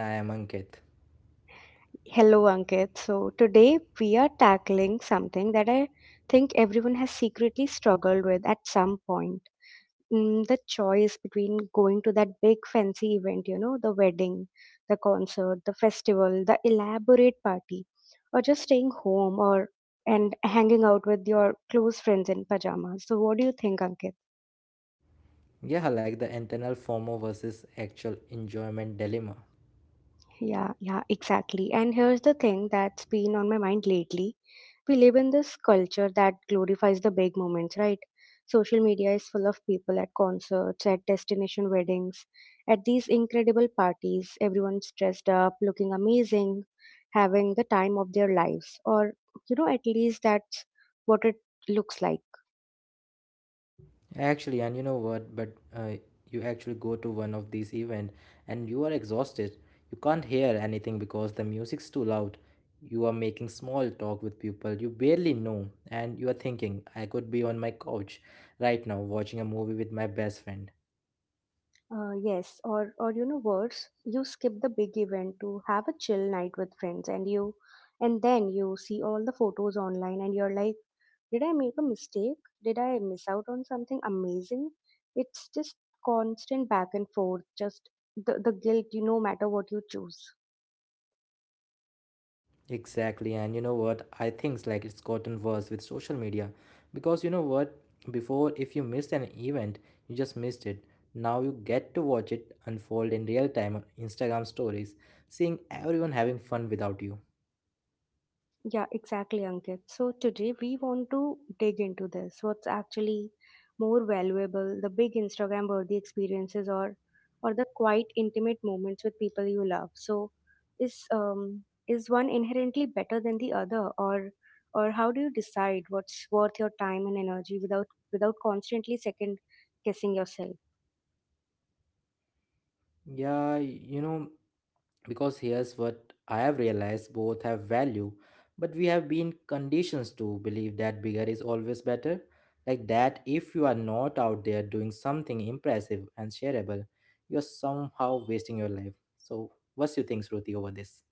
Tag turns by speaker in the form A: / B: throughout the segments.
A: And I am Ankit.
B: Hello, Ankit. So, today we are tackling something that I think everyone has secretly struggled with at some point the choice between going to that big fancy event, you know, the wedding, the concert, the festival, the elaborate party, or just staying home or and hanging out with your close friends in pajamas. So, what do you think, Ankit?
A: Yeah, I like the internal FOMO versus actual enjoyment dilemma.
B: Yeah, yeah, exactly. And here's the thing that's been on my mind lately. We live in this culture that glorifies the big moments, right? Social media is full of people at concerts, at destination weddings, at these incredible parties. Everyone's dressed up, looking amazing, having the time of their lives, or, you know, at least that's what it looks like.
A: Actually, and you know what? But You actually go to one of these events and you are exhausted. You can't hear anything because the music's too loud. You are making small talk with people you barely know, and you are thinking, I could be on my couch right now watching a movie with my best friend.
B: Yes, or you know worse, you skip the big event to have a chill night with friends, and then you see all the photos online, and you're like, did I make a mistake? Did I miss out on something amazing? It's just constant back and forth, just the guilt, you no matter what you choose.
A: Exactly, and you know what? I think like it's gotten worse with social media because you know what? Before, if you missed an event, you just missed it. Now you get to watch it unfold in real time on Instagram stories, seeing everyone having fun without you.
B: Yeah, exactly, Ankit. So today we want to dig into this. What's actually more valuable, the big Instagram worthy experiences or the quite intimate moments with people you love. So is one inherently better than the other or how do you decide what's worth your time and energy without constantly second guessing yourself?
A: Yeah, because here's what I have realized, both have value, but we have been conditioned to believe that bigger is always better. Like that, if you are not out there doing something impressive and shareable, you're somehow wasting your life. So, what's your things, Ruti, over this?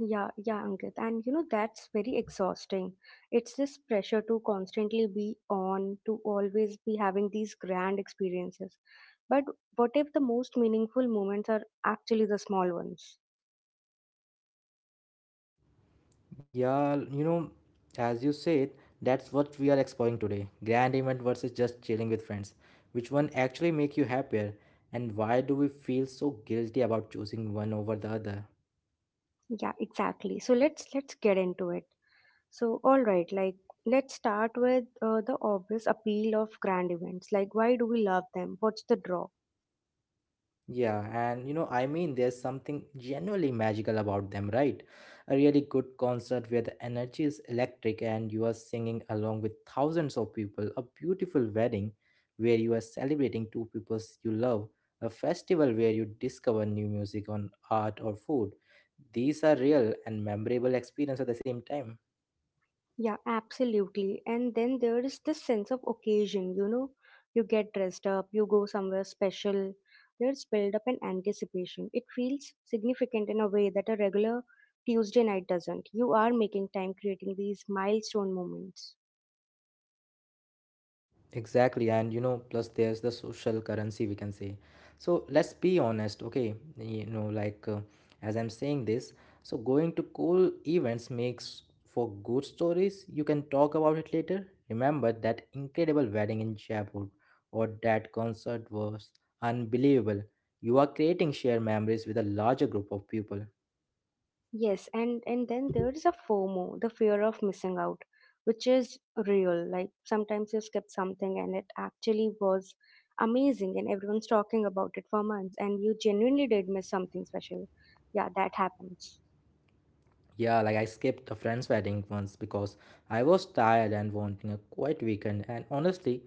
B: Yeah, yeah, Ankit. And you know, that's very exhausting. It's this pressure to constantly be on, to always be having these grand experiences. But what if the most meaningful moments are actually the small ones?
A: Yeah, as you said, that's what we are exploring today. Grand event versus just chilling with friends. Which one actually make you happier? And why do we feel so guilty about choosing one over the other?
B: Yeah, exactly. So let's get into it. So all right, like let's start with the obvious appeal of grand events. Like why do we love them? What's the draw?
A: Yeah, I mean, there's something genuinely magical about them, right? A really good concert where the energy is electric and you are singing along with thousands of people, a beautiful wedding where you are celebrating two peoples you love, a festival where you discover new music on art or food. These are real and memorable experience at the same time.
B: Yeah, absolutely. And then there is this sense of occasion, you know, you get dressed up, you go somewhere special. There's build up and anticipation. It feels significant in a way that a regular Tuesday night doesn't. You are making time creating these milestone moments.
A: Exactly, plus there's the social currency we can say. So let's be honest, okay? As I'm saying this, so going to cool events makes for good stories. You can talk about it later. Remember that incredible wedding in Jaipur or that concert was unbelievable. You are creating shared memories with a larger group of people.
B: Yes, and then there is a FOMO, the fear of missing out, which is real. Like sometimes you skip something and it actually was amazing and everyone's talking about it for months and you genuinely did miss something special. Yeah, that happens.
A: Yeah, like I skipped a friend's wedding once because I was tired and wanting a quiet weekend. And honestly,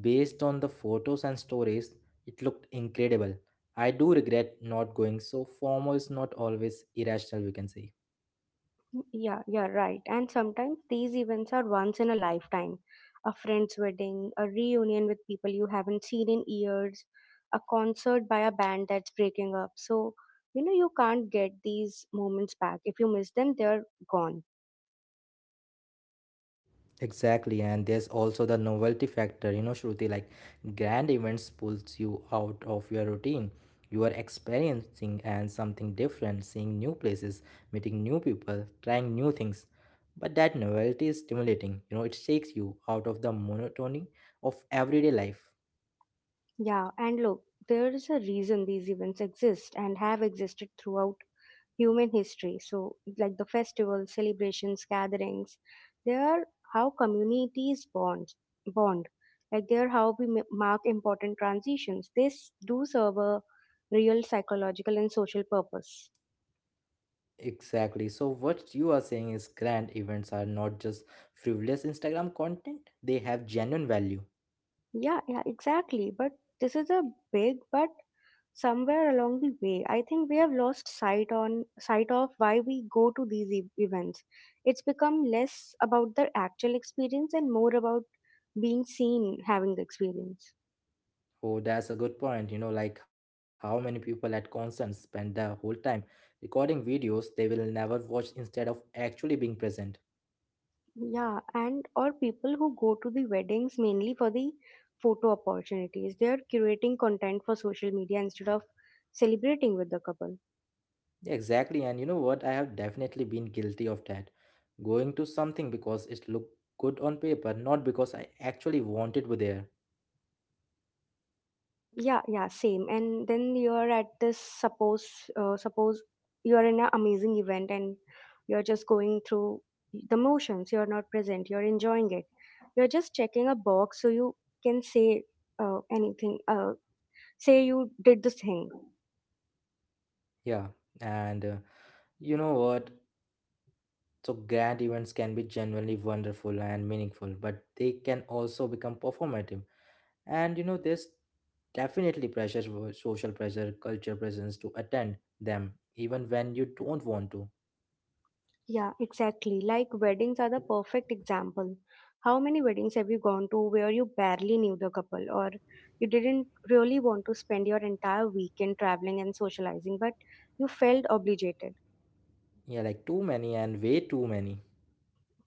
A: based on the photos and stories, it looked incredible. I do regret not going, so formal is not always irrational, we can say.
B: Yeah, you're right. And sometimes these events are once in a lifetime. A friend's wedding, a reunion with people you haven't seen in years, a concert by a band that's breaking up. So, you know, you can't get these moments back. If you miss them, they're gone.
A: Exactly, and there's also the novelty factor, you know, Shruti. Like grand events pulls you out of your routine. You are experiencing and something different, seeing new places, meeting new people, trying new things. But that novelty is stimulating. You know, it shakes you out of the monotony of everyday life.
B: Yeah, and look, there is a reason these events exist and have existed throughout human history. So, like the festivals, celebrations, gatherings, they are how communities bond. Bond, like they are how we mark important transitions. This do serve a real psychological and social purpose.
A: Exactly. So what you are saying is grand events are not just frivolous Instagram content. They have genuine value.
B: Yeah, yeah, exactly. But this is a big but somewhere along the way I think we have lost sight of why we go to these events. It's become less about the actual experience and more about being seen having the experience.
A: Oh, that's a good point. You know, like how many people at concerts spend their whole time recording videos they will never watch instead of actually being present.
B: Yeah, and or people who go to the weddings mainly for the photo opportunities. They are curating content for social media instead of celebrating with the couple.
A: Exactly, and you know what? I have definitely been guilty of that. Going to something because it looked good on paper, not because I actually wanted to there.
B: Yeah, yeah, same. And then you're at this suppose you're in an amazing event and you're just going through the motions. You're not present. You're enjoying it. You're just checking a box so you can say anything. Say you did this thing.
A: Yeah, and you know what? So grand events can be genuinely wonderful and meaningful, but they can also become performative. And you know there's definitely pressure wo- social pressure culture presence to attend them even when you don't want to.
B: Yeah, exactly. Like weddings are the perfect example. How many weddings have you gone to where you barely knew the couple or you didn't really want to spend your entire weekend traveling and socializing, but you felt obligated?
A: Yeah, like too many and way too many.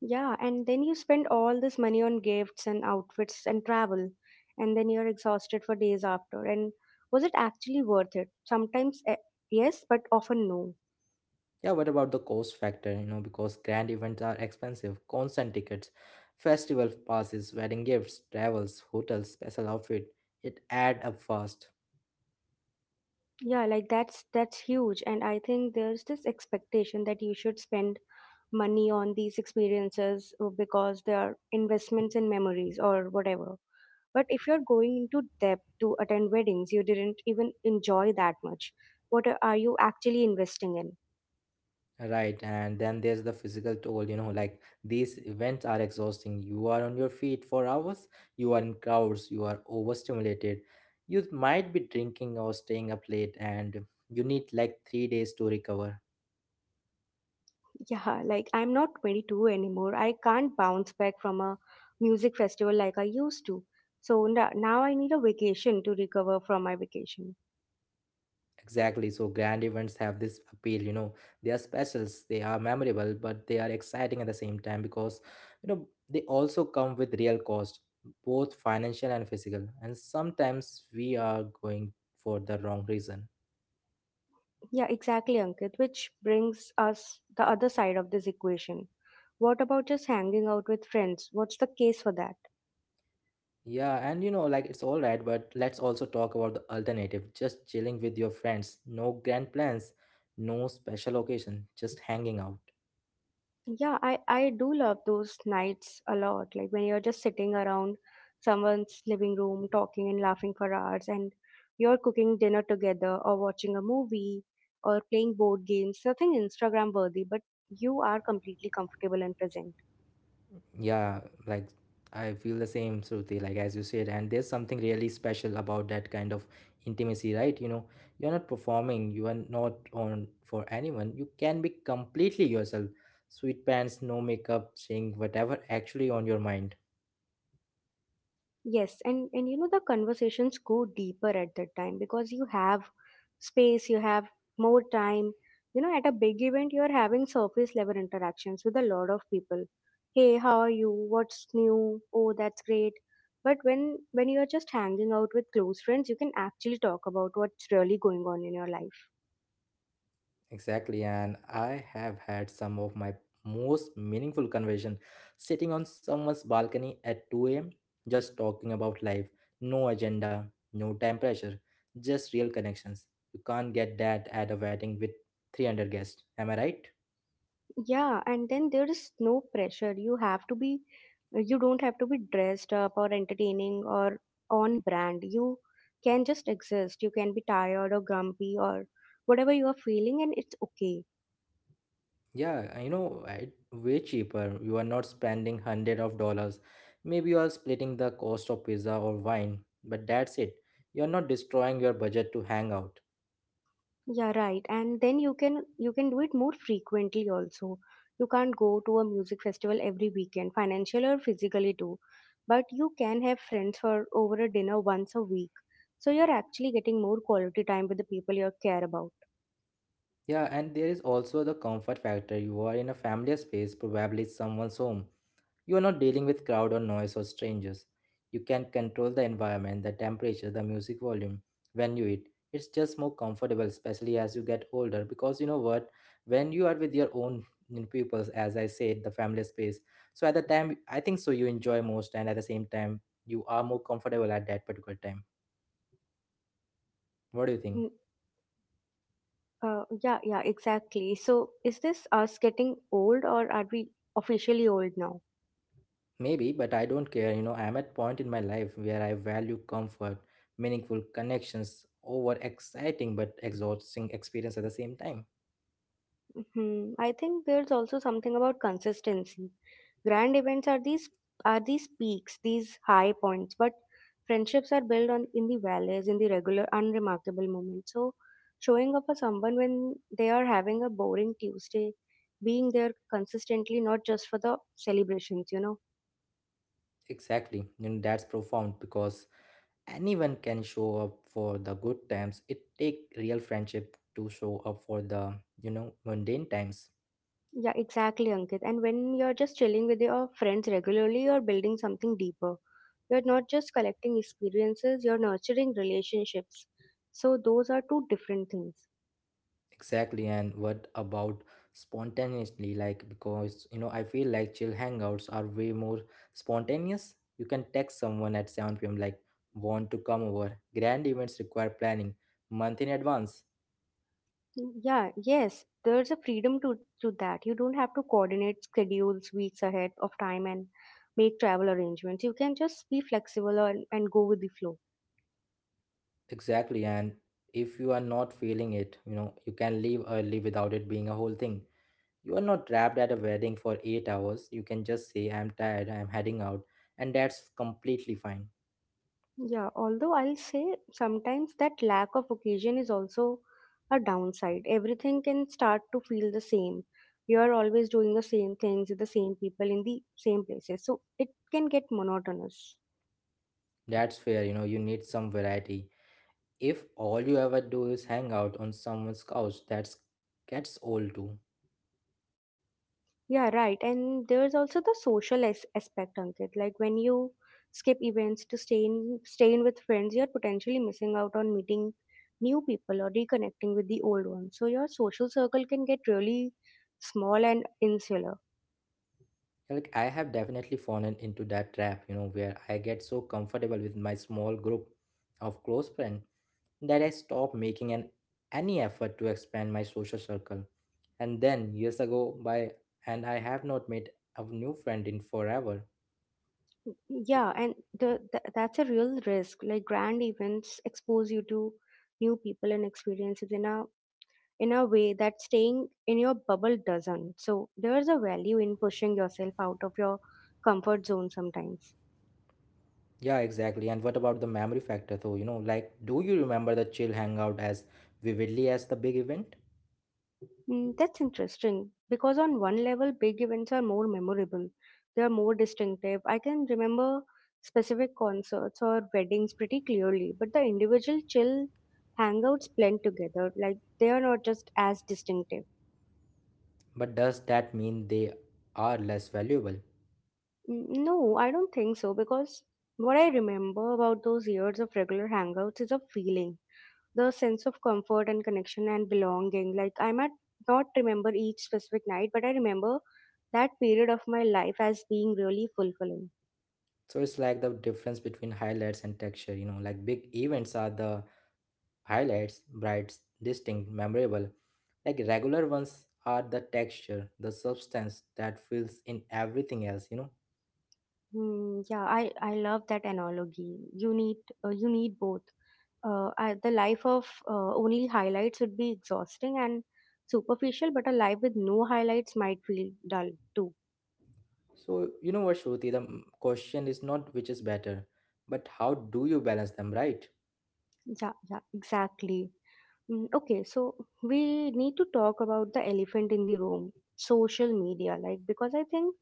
B: Yeah, and then you spend all this money on gifts and outfits and travel, and then you're exhausted for days after. And was it actually worth it? Sometimes yes, but often no.
A: Yeah, what about the cost factor, you know, because grand events are expensive. Concert tickets, festival passes, wedding gifts, travels, hotels, special outfit, it add up fast.
B: Yeah, like that's huge, and I think there's this expectation that you should spend money on these experiences because they are investments in memories or whatever. But if you're going into debt to attend weddings, you didn't even enjoy that much. What are you actually investing in?
A: Right, and then there's the physical toll, you know, like these events are exhausting. You are on your feet for hours, you are in crowds, you are overstimulated. You might be drinking or staying up late, and you need like 3 days to recover.
B: Yeah, like I'm not 22 anymore. I can't bounce back from a music festival like I used to. So now I need a vacation to recover from my vacation.
A: Exactly, so grand events have this appeal, you know, they are specials, they are memorable, but they are exciting at the same time because, you know, they also come with real cost, both financial and physical. And sometimes we are going for the wrong reason.
B: Yeah, exactly, Ankit, which brings us the other side of this equation. What about just hanging out with friends? What's the case for that?
A: Yeah, and you know, like it's all right, but let's also talk about the alternative. Just chilling with your friends. No grand plans, no special occasion, just hanging out.
B: Yeah, I do love those nights a lot. Like when you're just sitting around someone's living room talking and laughing for hours, and you're cooking dinner together or watching a movie or playing board games. Nothing Instagram worthy, but you are completely comfortable and present.
A: Yeah, like I feel the same, Shruti, like as you said. And there's something really special about that kind of intimacy, right? You know, you're not performing, you are not on for anyone. You can be completely yourself. Sweet pants, no makeup, saying whatever actually on your mind.
B: Yes, and you know the conversations go deeper at that time because you have space, you have more time. You know, at a big event, you're having surface level interactions with a lot of people. Hey, how are you? What's new? Oh, that's great. But when you're just hanging out with close friends, you can actually talk about what's really going on in your life.
A: Exactly, and I have had some of my most meaningful conversation sitting on someone's balcony at 2 a.m. just talking about life, no agenda, no time pressure, just real connections. You can't get that at a wedding with 300 guests. Am I right?
B: Yeah, and then there is no pressure. You don't have to be dressed up or entertaining or on brand. You can just exist. You can be tired or grumpy or whatever you are feeling, and it's okay.
A: Yeah, you know, it way cheaper. You are not spending hundred of dollars. Maybe you are splitting the cost of pizza or wine, but that's it. You are not destroying your budget to hang out.
B: Yeah, right. And then you can do it more frequently also. You can't go to a music festival every weekend, financial or physically too. But you can have friends for over a dinner once a week. So you're actually getting more quality time with the people you care about.
A: Yeah, and there is also the comfort factor. You are in a familiar space, probably someone's home. You are not dealing with crowd or noise or strangers. You can control the environment, the temperature, the music volume when you eat. It's just more comfortable, especially as you get older, because you know what? When you are with your own, you know, pupils, as I said, the family space. So at the time, I think so you enjoy most, and at the same time, you are more comfortable at that particular time. What do you think?
B: Yeah, yeah, exactly. So, is this us getting old or are we officially old now?
A: Maybe, but I don't care. You know, I'm at point in my life where I value comfort, meaningful connections over exciting but exhausting experience at the same time.
B: Hmm, I think there's also something about consistency. Grand events are these peaks, these high points, but friendships are built on in the valleys, in the regular, unremarkable moments. So, showing up for someone when they are having a boring Tuesday, being there consistently, not just for the celebrations, you know.
A: Exactly. You know, that's profound because anyone can show up for the good times. It take real friendship to show up for the, you know, mundane times.
B: Yeah, exactly, Ankit. And when you're just chilling with your friends regularly, you're building something deeper. You're not just collecting experiences, you're nurturing relationships. So those are two different things.
A: Exactly, and what about spontaneously? Like, because you know, I feel like chill hangouts are way more spontaneous. You can text someone at 7 p.m., like, want to come over. Grand events require planning month in advance.
B: Yeah, yes, there's a freedom to that. You don't have to coordinate schedules weeks ahead of time and make travel arrangements. You can just be flexible and go with the flow.
A: Exactly, and if you are not feeling it, you know, you can leave early without it being a whole thing. You are not trapped at a wedding for 8 hours. You can just say, I'm tired, I'm heading out, and that's completely fine.
B: Yeah, although I'll say sometimes that lack of occasion is also a downside. Everything can start to feel the same. You are always doing the same things with the same people in the same places. So it can get monotonous.
A: That's fair, you know, you need some variety. If all you ever do is hang out on someone's couch, that's gets old too.
B: Yeah, right. And there's also the social aspect, Ankit. Like when you skip events to stay in, staying with friends, you're potentially missing out on meeting new people or reconnecting with the old ones. So your social circle can get really small and insular.
A: Like I have definitely fallen into that trap, you know, where I get so comfortable with my small group of close friends that I stop making an any effort to expand my social circle, and then years ago by and I have not made a new friend in forever.
B: Yeah, and the that's a real risk. Like grand events expose you to new people and experiences in a way that staying in your bubble doesn't. So there's a value in pushing yourself out of your comfort zone sometimes.
A: Yeah, exactly, and what about the memory factor though, you know, like do you remember the chill hangout as vividly as the big event?
B: That's interesting because on one level, big events are more memorable. They are more distinctive. I can remember specific concerts or weddings pretty clearly, but the individual chill hangouts blend together. Like they are not just as distinctive.
A: But does that mean they are less valuable?
B: No, I don't think so because what I remember about those years of regular hangouts is a feeling, the sense of comfort and connection and belonging. Like, I might not remember each specific night, but I remember that period of my life as being really fulfilling.
A: So it's like the difference between highlights and texture, you know, like big events are the highlights, bright, distinct, memorable. Like regular ones are the texture, the substance that fills in everything else, you know.
B: Hmm, yeah, I love that analogy. You need both. The life of only highlights would be exhausting and superficial, but a life with no highlights might feel dull too.
A: So you know what, Shruti, the m- question is not which is better, but how do you balance them, right?
B: Yeah, yeah, exactly. Okay, so we need to talk about the elephant in the room, social media, like because I think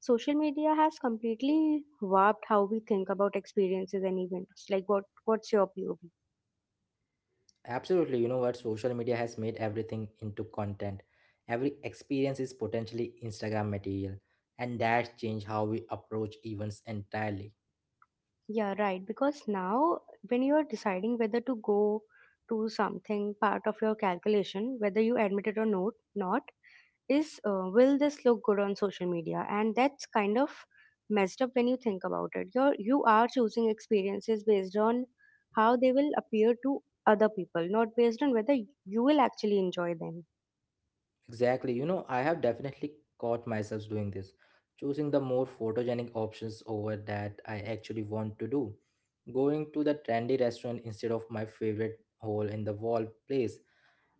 B: social media has completely warped how we think about experiences and events. Like what's your POV?
A: Absolutely, you know what? Social media has made everything into content. Every experience is potentially Instagram material, and that changed how we approach events entirely.
B: Yeah, right. Because now, when you are deciding whether to go to something, part of your calculation, whether you admit it or not is will this look good on social media? And that's kind of messed up when you think about it. You are choosing experiences based on how they will appear to other people, not based on whether you will actually enjoy them.
A: Exactly, you know, I have definitely caught myself doing this, choosing the more photogenic options over that I actually want to do. Going to the trendy restaurant instead of my favorite hole in the wall place,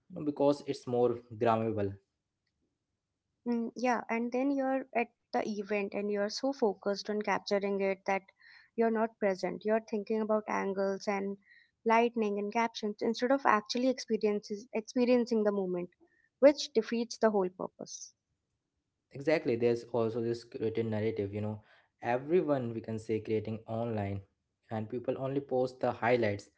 A: you know, because it's more grammable.
B: Yeah, and then you're at the event and you're so focused on capturing it that you're not present. You're thinking about angles and lightning and captions instead of experiencing the moment, which defeats the whole purpose.
A: Exactly, there's also this written narrative, you know, everyone we can say creating online, and people only post the highlights.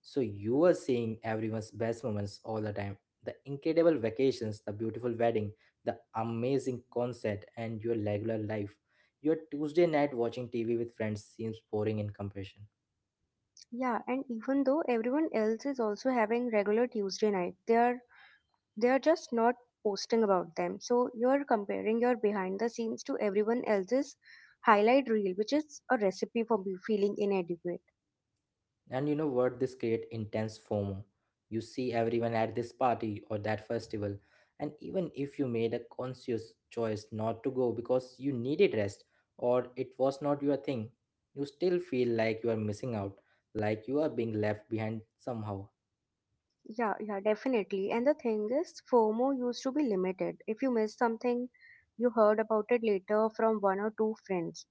A: So you are seeing everyone's best moments all the time, the incredible vacations, the beautiful wedding, the amazing concert, and your regular life, your Tuesday night watching TV with friends seems boring in comparison.
B: Yeah, and even though everyone else is also having regular Tuesday night, they're just not posting about them. So you're comparing your behind the scenes to everyone else's highlight reel, which is a recipe for feeling inadequate.
A: And you know what? This create intense FOMO. You see everyone at this party or that festival, and even if you made a conscious choice not to go because you needed rest or it was not your thing, you still feel like you are missing out, like you are being left behind somehow.
B: Yeah, yeah, definitely. And the thing is, FOMO used to be limited. If you missed something, you heard about it later from one or two friends.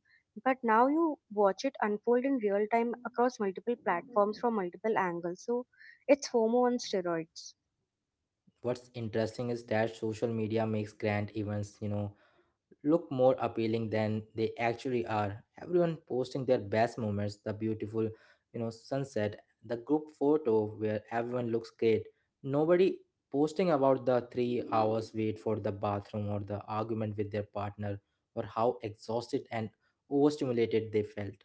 B: But now you watch it unfold in real time across multiple platforms from multiple angles. So it's FOMO on steroids.
A: What's interesting is that social media makes grand events, you know, look more appealing than they actually are. Everyone posting their best moments, the beautiful, you know, sunset, the group photo where everyone looks great. Nobody posting about the 3 hours wait for the bathroom or the argument with their partner or how exhausted and overstimulated they felt.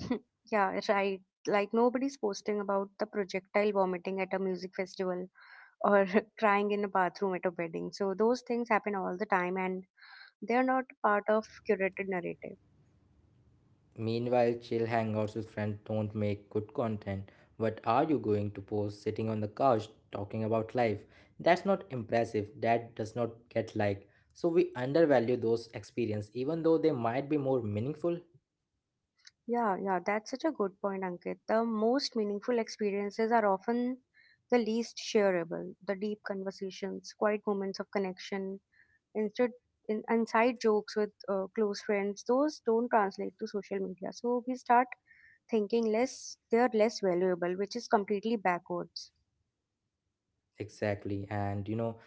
B: Yeah, right. Like nobody's posting about the projectile vomiting at a music festival or crying in a bathroom at a wedding. So those things happen all the time and they're not part of curated narrative.
A: Meanwhile, chill hangouts with friends don't make good content. What are you going to post sitting on the couch talking about life? That's not impressive. That does not get like. So we undervalue those experience even though they might be more meaningful.
B: Yeah, yeah, that's such a good point, Ankit. The most meaningful experiences are often the least shareable, the deep conversations, quiet moments of connection, instead inside jokes with close friends. Those don't translate to social media, so we start thinking less they're less valuable, which is completely backwards.
A: Exactly. And you know,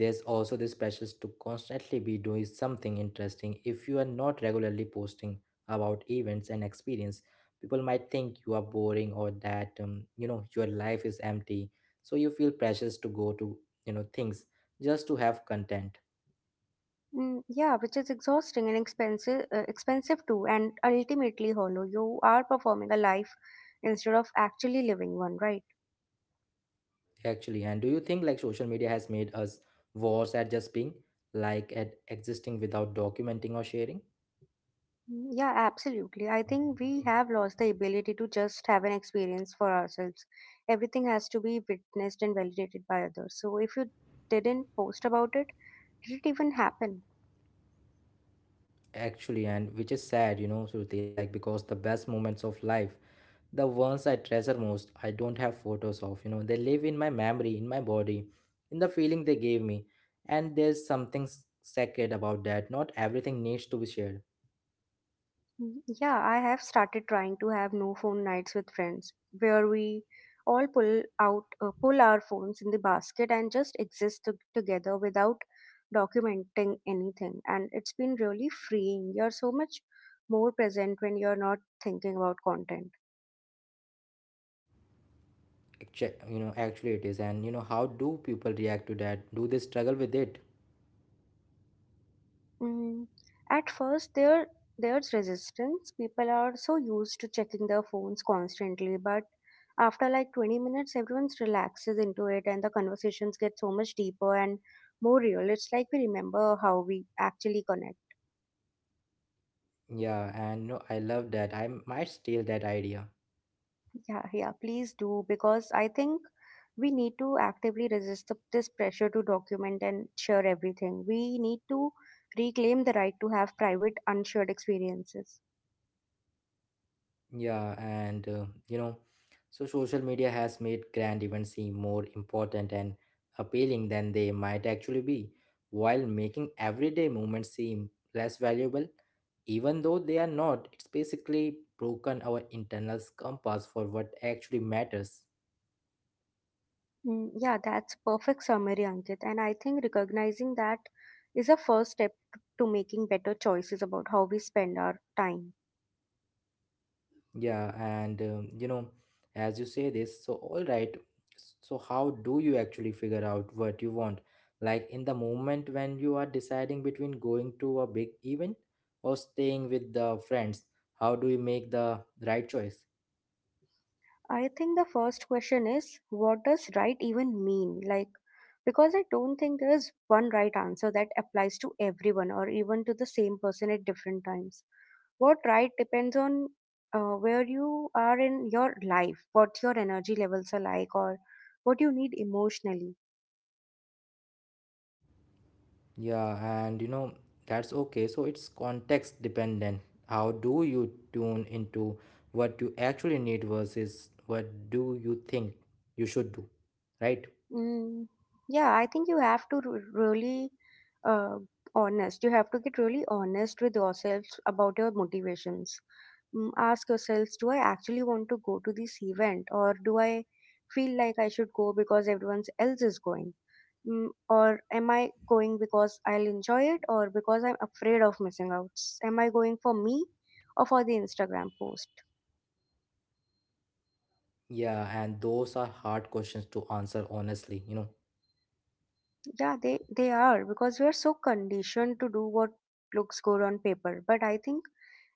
A: there's also this pressure to constantly be doing something interesting. If you are not regularly posting about events and experience, people might think you are boring or that your life is empty. So you feel pressures to go to things just to have content
B: Mm, yeah, which is exhausting and expensive, expensive too, and ultimately hollow. You are performing a life instead of actually living one, right?
A: actually. And do you think like social media has made us worse at just being like at existing without documenting or sharing?
B: Mm, yeah, absolutely. I think we have lost the ability to just have an experience for ourselves. Everything has to be witnessed and validated by others. So if you didn't post about it, did it even happen?
A: Actually, and which is sad, Shruti, like because the best moments of life the ones I treasure most, I don't have photos of. They live in my memory, in my body, in the feeling they gave me. And there's something sacred about that. Not everything needs to be shared.
B: Mm, yeah, I have started trying to have no phone nights with friends where we all pull our phones in the basket and just exist together without documenting anything. And it's been really freeing. You're so much more present when you're not thinking about content.
A: Actually it is. And how do people react to that? Do they struggle with it?
B: Mm, at first, there's resistance. People are so used to checking their phones constantly, but after like 20 minutes, everyone relaxes into it, and the conversations get so much deeper and more real. It's like we remember how we actually connect.
A: Yeah, and I love that. I might steal that idea.
B: Yeah, yeah, please do, because I think we need to actively resist this pressure to document and share everything. We need to reclaim the right to have private, unshared experiences.
A: Yeah, and so social media has made grand events seem more important and appealing than they might actually be, while making everyday moments seem less valuable, even though they are not. It's basically broken our internal compass for what actually matters.
B: Mm, yeah, that's perfect summary, Ankit. And I think recognizing that is a first step to making better choices about how we spend our time.
A: Yeah, and as you say this, so all right, so how do you actually figure out what you want? Like in the moment when you are deciding between going to a big event or staying with the friends, how do you make the right choice?
B: I think the first question is, what does right even mean? Like, because I don't think there is one right answer that applies to everyone or even to the same person at different times. What right depends on where you are in your life, what your energy levels are like, or what you need emotionally.
A: Yeah, and that's okay. So it's context dependent. How do you tune into what you actually need versus what do you think you should do, right?
B: Mm, yeah, I think you have to r- really uh, honest. You have to get really honest with yourselves about your motivations. Mm, ask yourselves, do I actually want to go to this event, or do I feel like I should go because everyone else is going? Mm, or am I going because I'll enjoy it, or because I'm afraid of missing out? Am I going for me, or for the Instagram post?
A: Yeah, and those are hard questions to answer honestly.
B: Yeah, they are, because we are so conditioned to do what looks good on paper. But I think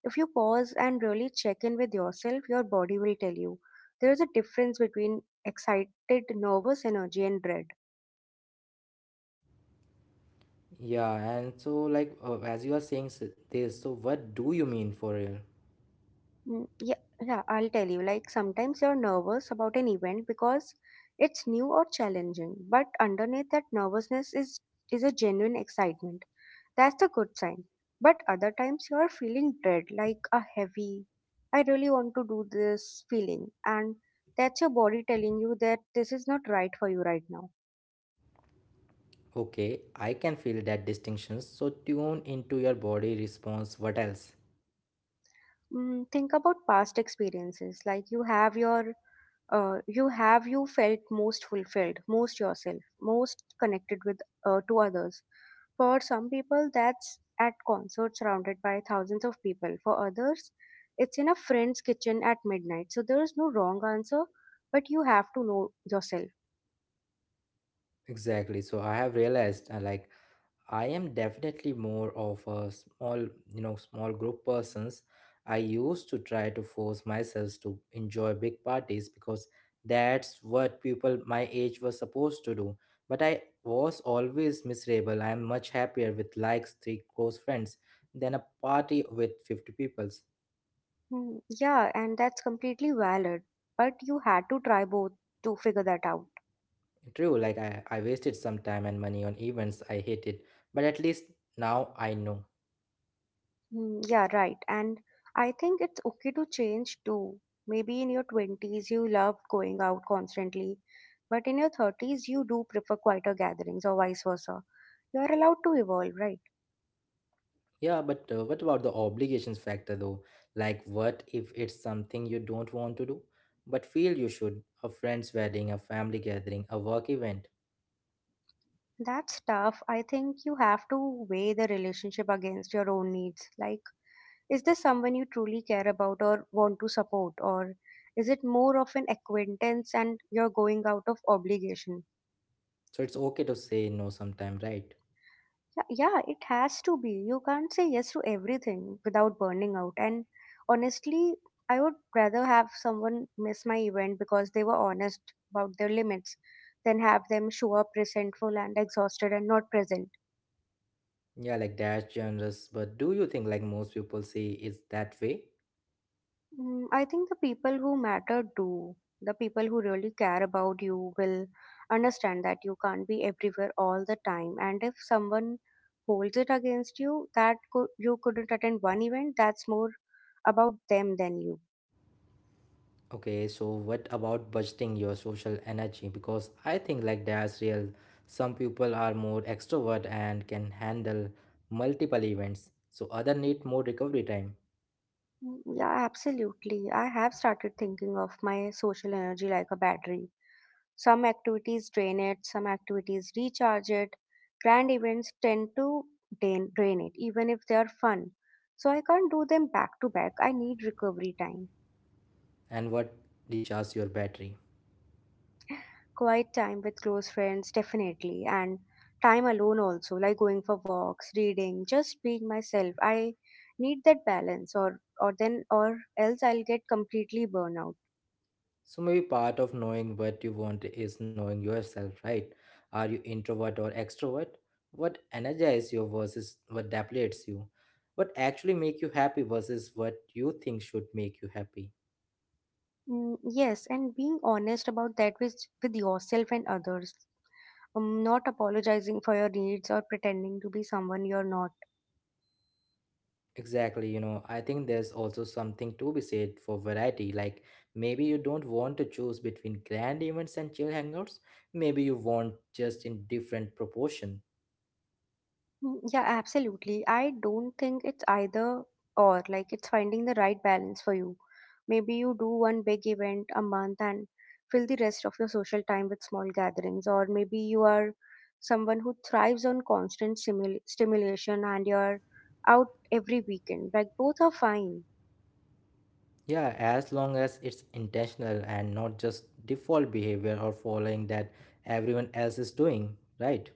B: if you pause and really check in with yourself, your body will tell you. There is a difference between excited nervous energy and dread.
A: Yeah, and so like as you are saying this, so what do you mean for real?
B: Mm, yeah, yeah, I'll tell you. Like sometimes you're nervous about an event because it's new or challenging, but underneath that nervousness is a genuine excitement. That's a good sign. But other times you are feeling dread, like a heavy, I really want to do this feeling, and that's your body telling you that this is not right for you right now.
A: Okay, I can feel that distinction. So tune into your body response. What else?
B: Mm, think about past experiences. Like, you have you felt most fulfilled, most yourself, most connected with to others? For some people, that's at concerts surrounded by thousands of people. For others, it's in a friend's kitchen at midnight. So there is no wrong answer, but you have to know yourself.
A: Exactly. So I have realized like I am definitely more of a small group persons. I used to try to force myself to enjoy big parties because that's what people my age were supposed to do. But I was always miserable. I am much happier with likes three close friends than a party with 50 peoples.
B: Hmm, yeah, and that's completely valid, but you had to try both to figure that out.
A: True, like I wasted some time and money on events I hated, but at least now I know.
B: Mm, yeah, right. And I think it's okay to change too. Maybe in your 20s you love going out constantly, but in your 30s you do prefer quieter gatherings or vice versa. You're allowed to evolve, right?
A: Yeah, but what about the obligations factor though? Like, what if it's something you don't want to do, but feel you should? A friend's wedding, a family gathering, a work event.
B: That's tough. I think you have to weigh the relationship against your own needs. Like, is this someone you truly care about or want to support? Or is it more of an acquaintance and you're going out of obligation?
A: So it's okay to say no sometime, right?
B: Yeah, yeah, it has to be. You can't say yes to everything without burning out. And honestly, I would rather have someone miss my event because they were honest about their limits than have them show up resentful and exhausted and not present.
A: Yeah, like that's generous, but do you think like most people say it's that way?
B: Mm, I think the people who matter do. The people who really care about you will understand that you can't be everywhere all the time. And if someone holds it against you you couldn't attend one event, that's more about them than you.
A: Okay, so what about budgeting your social energy? Because I think like that's real. Some people are more extrovert and can handle multiple events, so other need more recovery time.
B: Mm, yeah, absolutely. I have started thinking of my social energy like a battery. Some activities drain it, some activities recharge it. Grand events tend to drain it, even if they are fun. So I can't do them back to back. I need recovery time,
A: And what recharges your battery?
B: quiet time with close friends, definitely, and time alone also, like going for walks, reading, just being myself. I need that balance, or else I'll get completely burnout.
A: So maybe part of knowing what you want is knowing yourself, right? Are you introvert or extrovert? What energizes you versus what depletes you? What actually make you happy versus what you think should make you happy?
B: Mm, yes, and being honest about that with yourself and others. Not apologizing for your needs or pretending to be someone you're not.
A: Exactly, I think there's also something to be said for variety. Like maybe you don't want to choose between grand events and chill hangouts. Maybe you want just in different proportion.
B: Mm, yeah, absolutely. I don't think it's either or. Like, it's finding the right balance for you. Maybe you do one big event a month and fill the rest of your social time with small gatherings, or maybe you are someone who thrives on constant stimulation and you're out every weekend. Like, both are fine.
A: Yeah, as long as it's intentional and not just default behavior or following that everyone else is doing, right?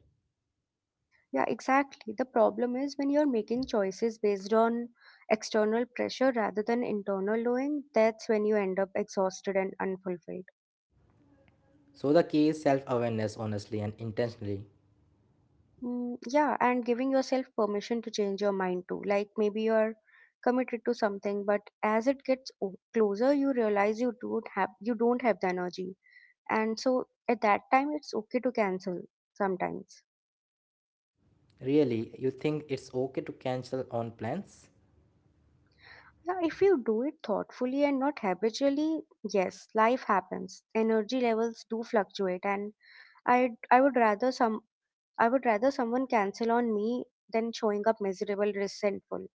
B: Yeah, exactly. The problem is when you're making choices based on external pressure rather than internal knowing. That's when you end up exhausted and unfulfilled.
A: So the key is self awareness, honestly and intentionally.
B: Mm, yeah, and giving yourself permission to change your mind too. Like maybe you're committed to something, but as it gets closer, you realize you don't have the energy, and so at that time, it's okay to cancel sometimes.
A: Really, you think it's okay to cancel on plans?
B: Yeah, if you do it thoughtfully and not habitually, yes. Life happens. Energy levels do fluctuate, and I I would rather some I would rather someone cancel on me than showing up miserable, resentful.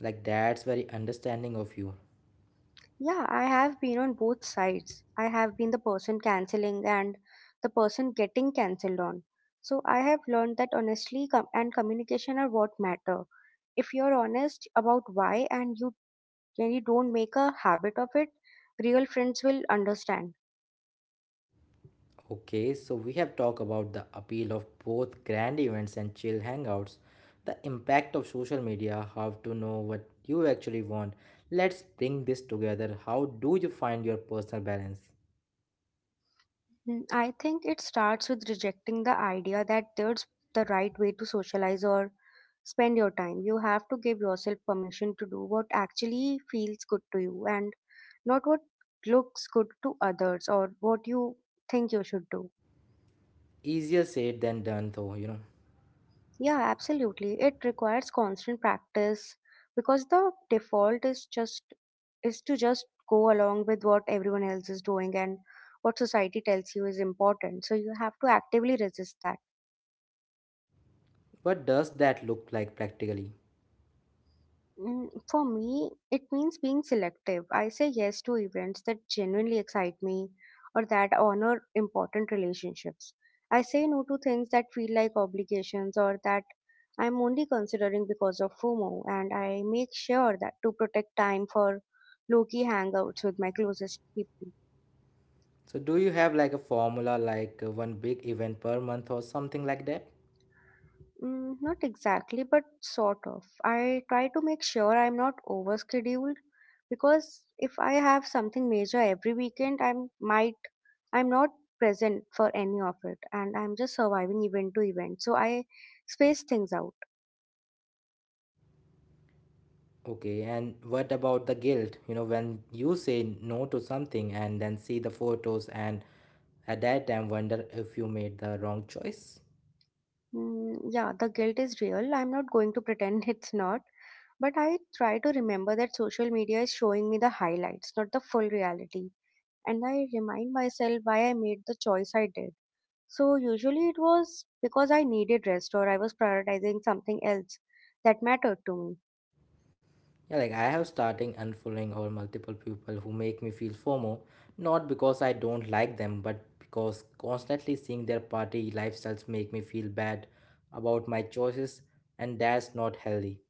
A: Like, that's very understanding of you.
B: Yeah, I have been on both sides. I have been the person canceling and the person getting cancelled on. So I have learned that honestly com- and communication are what matter. If you're honest about why and you don't make a habit of it, real friends will understand.
A: Okay, so we have talked about the appeal of both grand events and chill hangouts, the impact of social media, how to know what you actually want. Let's bring this together. How do you find your personal balance?
B: Mm, I think it starts with rejecting the idea that there's the right way to socialize or spend your time. You have to give yourself permission to do what actually feels good to you, and not what looks good to others or what you think you should do.
A: Easier said than done though you know
B: Yeah, absolutely. It requires constant practice, because the default is just is to just go along with what everyone else is doing and what society tells you is important. So you have to actively resist that.
A: What does that look like practically?
B: Mm, for me, it means being selective. I say yes to events that genuinely excite me or that honor important relationships. I say no to things that feel like obligations or that I'm only considering because of FOMO, and I make sure that to protect time for low key hangouts with my closest people.
A: So do you have like a formula like one big event per month or something like that?
B: Mm, not exactly, but sort of. I try to make sure I'm not overscheduled, because if I have something major every weekend, I'm not present for any of it, and I'm just surviving event to event. So I space things out.
A: Okay, and what about the guilt when you say no to something and then see the photos and at that time wonder if you made the wrong choice?
B: Mm, yeah, the guilt is real. I'm not going to pretend it's not, but I try to remember that social media is showing me the highlights, not the full reality, and I remind myself why I made the choice I did. So usually it was because I needed rest or I was prioritizing something else that mattered to me.
A: Yeah, like I have starting unfollowing or multiple people who make me feel FOMO, not because I don't like them, but because constantly seeing their party lifestyles make me feel bad about my choices, and that's not healthy.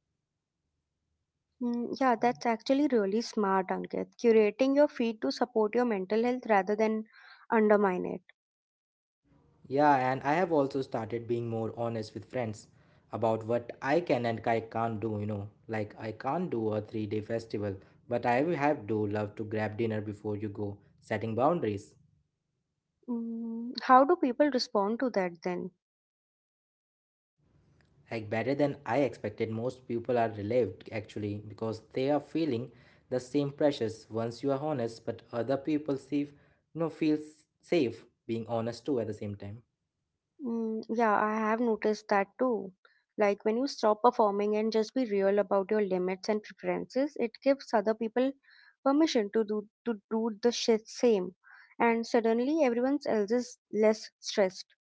B: Mm, yeah, that's actually really smart, Ankit. Curating your feed to support your mental health rather than undermine it.
A: Yeah, and I have also started being more honest with friends about what I can and I can't do. Like I can't do a 3-day festival, but I will have do love to grab dinner before you go, setting boundaries.
B: Mm, how do people respond to that then?
A: Like better than I expected. Most people are relieved actually because they are feeling the same pressures once you are honest, but other people see, no, know, feel safe being honest too at the same time.
B: Mm, yeah, I have noticed that too. Like when you stop performing and just be real about your limits and preferences, it gives other people permission to do the shit same, and suddenly everyone else is less stressed.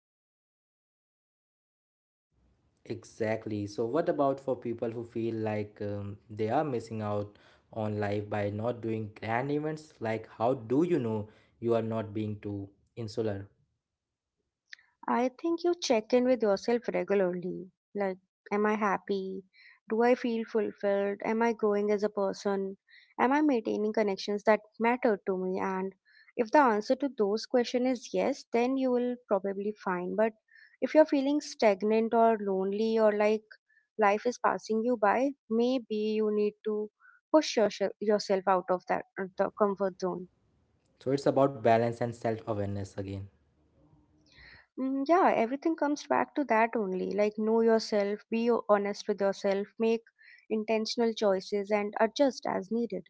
A: Exactly. So, what about for people who feel like they are missing out on life by not doing grand events? Like, how do you know you are not being too insular?
B: I think you check in with yourself regularly. Like, am I happy? Do I feel fulfilled? Am I growing as a person? Am I maintaining connections that matter to me? And if the answer to those questions is yes, then you will probably find. But if you're feeling stagnant or lonely or like life is passing you by, maybe you need to push yourself out of that the comfort zone.
A: So, it's about balance and self awareness again.
B: Mm, yeah, everything comes back to that only. Like, know yourself, honest with yourself, make intentional choices, and adjust as needed.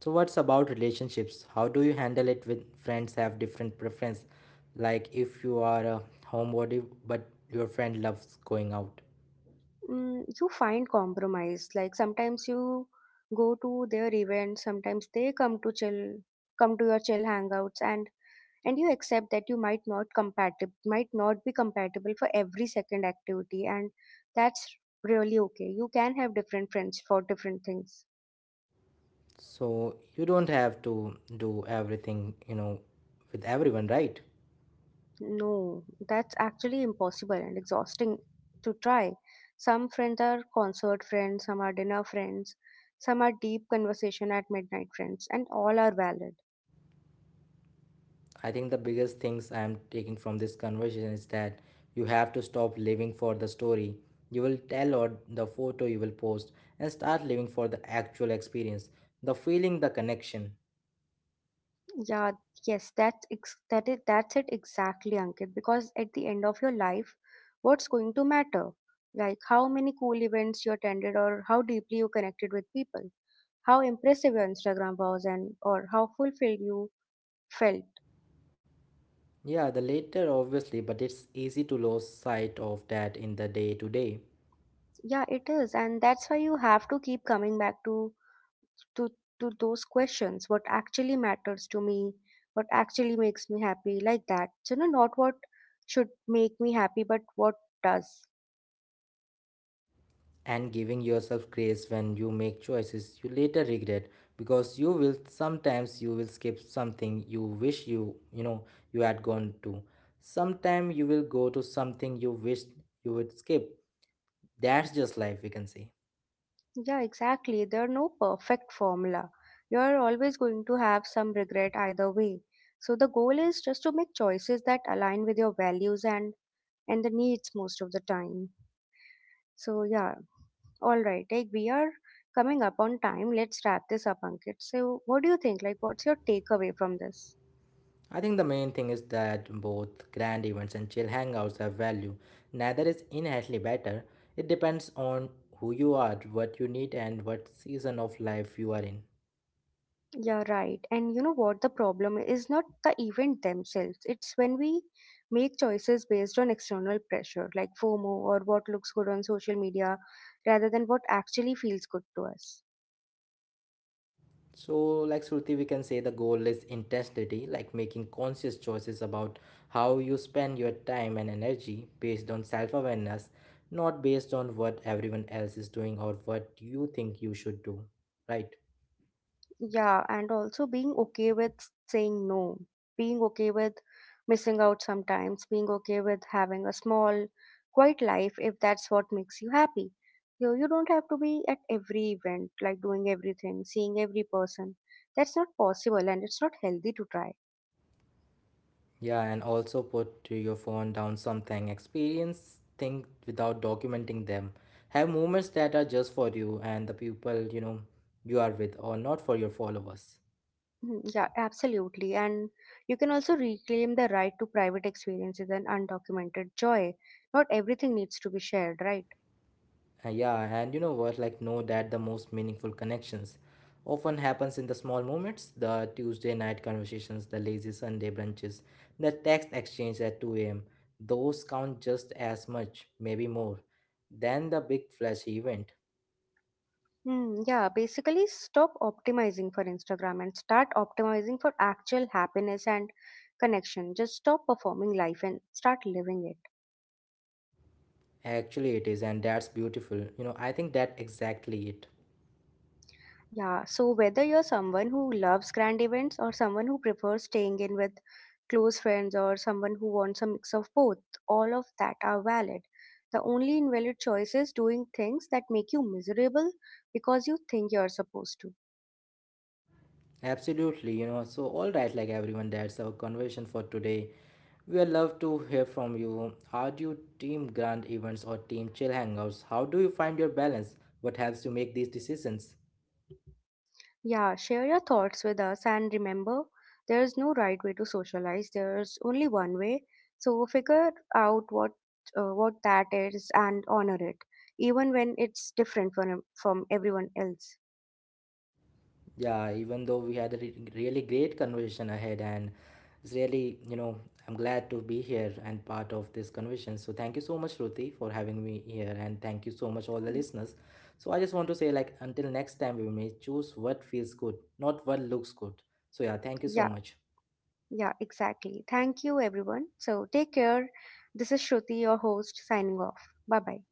A: So what's about relationships? How do you handle it when friends have different preference? Like if you are a homebody but your friend loves going out.
B: Mm, you find compromise. Like, sometimes you go to their events, sometimes they come to chill, come to your chill hangouts, and you accept that you might not compatible, might not be compatible for every second activity, and that's really okay. You can have different friends for different things.
A: So you don't have to do everything, with everyone, right?
B: No, that's actually impossible and exhausting to try. Some friends are concert friends, some are dinner friends, some are deep conversation at midnight friends, and all are valid.
A: I think the biggest things I am taking from this conversation is that you have to stop living for the story you will tell or the photo you will post and start living for the actual experience, the feeling, the connection.
B: Yeah, yes, that's ex- that is that's it exactly, Ankit. Because at the end of your life, what's going to matter? Like how many cool events you attended, or how deeply you connected with people, how impressive your Instagram was, and or how fulfilled you felt.
A: Yeah, the latter obviously, but it's easy to lose sight of that in the day to day.
B: Yeah, it is, and that's why you have to keep coming back to to those questions. What actually matters to me? What actually makes me happy? Like that. So, you know, not what should make me happy, but what does.
A: And giving yourself grace when you make choices you later regret because you will sometimes you will skip something you wish you had gone to. Sometime you will go to something you wished you would skip. That's just life we can say.
B: Yeah, exactly. There are no perfect formula. You are always going to have some regret either way. So the goal is just to make choices that align with your values and the needs most of the time. So yeah. All right, like we are coming up on time. Let's wrap this up, Ankit. So, what do you think? Like, what's your takeaway from this?
A: I think the main thing is that both grand events and chill hangouts have value. Neither is inherently better. It depends on who you are, what you need, and what season of life you are in.
B: Yeah, right. And you know what? The problem is not the event themselves. It's when we make choices based on external pressure, like FOMO or what looks good on social media, rather than what actually feels good to us.
A: So, like Shruti, we can say the goal is intensity, like making conscious choices about how you spend your time and energy based on self awareness, not based on what everyone else is doing or what you think you should do, right?
B: Yeah, and also being okay with saying no, being okay with missing out sometimes, being okay with having a small, quiet life if that's what makes you happy. You don't have to be at every event, like doing everything, seeing every person. That's not possible and it's not healthy to try.
A: Yeah, and also put your phone down something. Experience things without documenting them. Have moments that are just for you and the people, you are with or not for your followers.
B: Mhm. Yeah, absolutely. And you can also reclaim the right to private experiences and undocumented joy. Not everything needs to be shared, right?
A: Yeah, and you know what? Like know that the most meaningful connections often happens in the small moments, the Tuesday night conversations, the lazy Sunday brunches, the text exchange at 2 a.m. Those count just as much, maybe more, than the big flashy event.
B: Hmm, yeah, basically stop optimizing for Instagram and start optimizing for actual happiness and connection. Just stop performing life and start living it.
A: Actually, it is, and that's beautiful. I think that exactly it.
B: Yeah, so whether you're someone who loves grand events or someone who prefers staying in with close friends or someone who wants a mix of both, all of that are valid. The only invalid choice is doing things that make you miserable because you think you're supposed to.
A: Absolutely. So, all right, like everyone, that's our conversation for today. We would love to hear from you. Are you team grand events or team chill hangouts? How do you find your balance? What helps you make these decisions?
B: Yeah, share your thoughts with us and remember, there is no right way to socialize. There's only one way. So figure out what that is and honor it, even when it's different from everyone else.
A: Yeah, even though we had a really great conversation ahead, and it's really, I'm glad to be here and part of this conversation. So thank you so much, Ruti, for having me here, and thank you so much, all the
B: Mm.
A: listeners. So I just want to say, like, until next time, we may choose what feels good, not what looks good. So yeah, thank you so
B: Yeah,
A: much.
B: yeah, exactly. Thank you, everyone. So take care. This is Shruti, your host, signing off. Bye bye.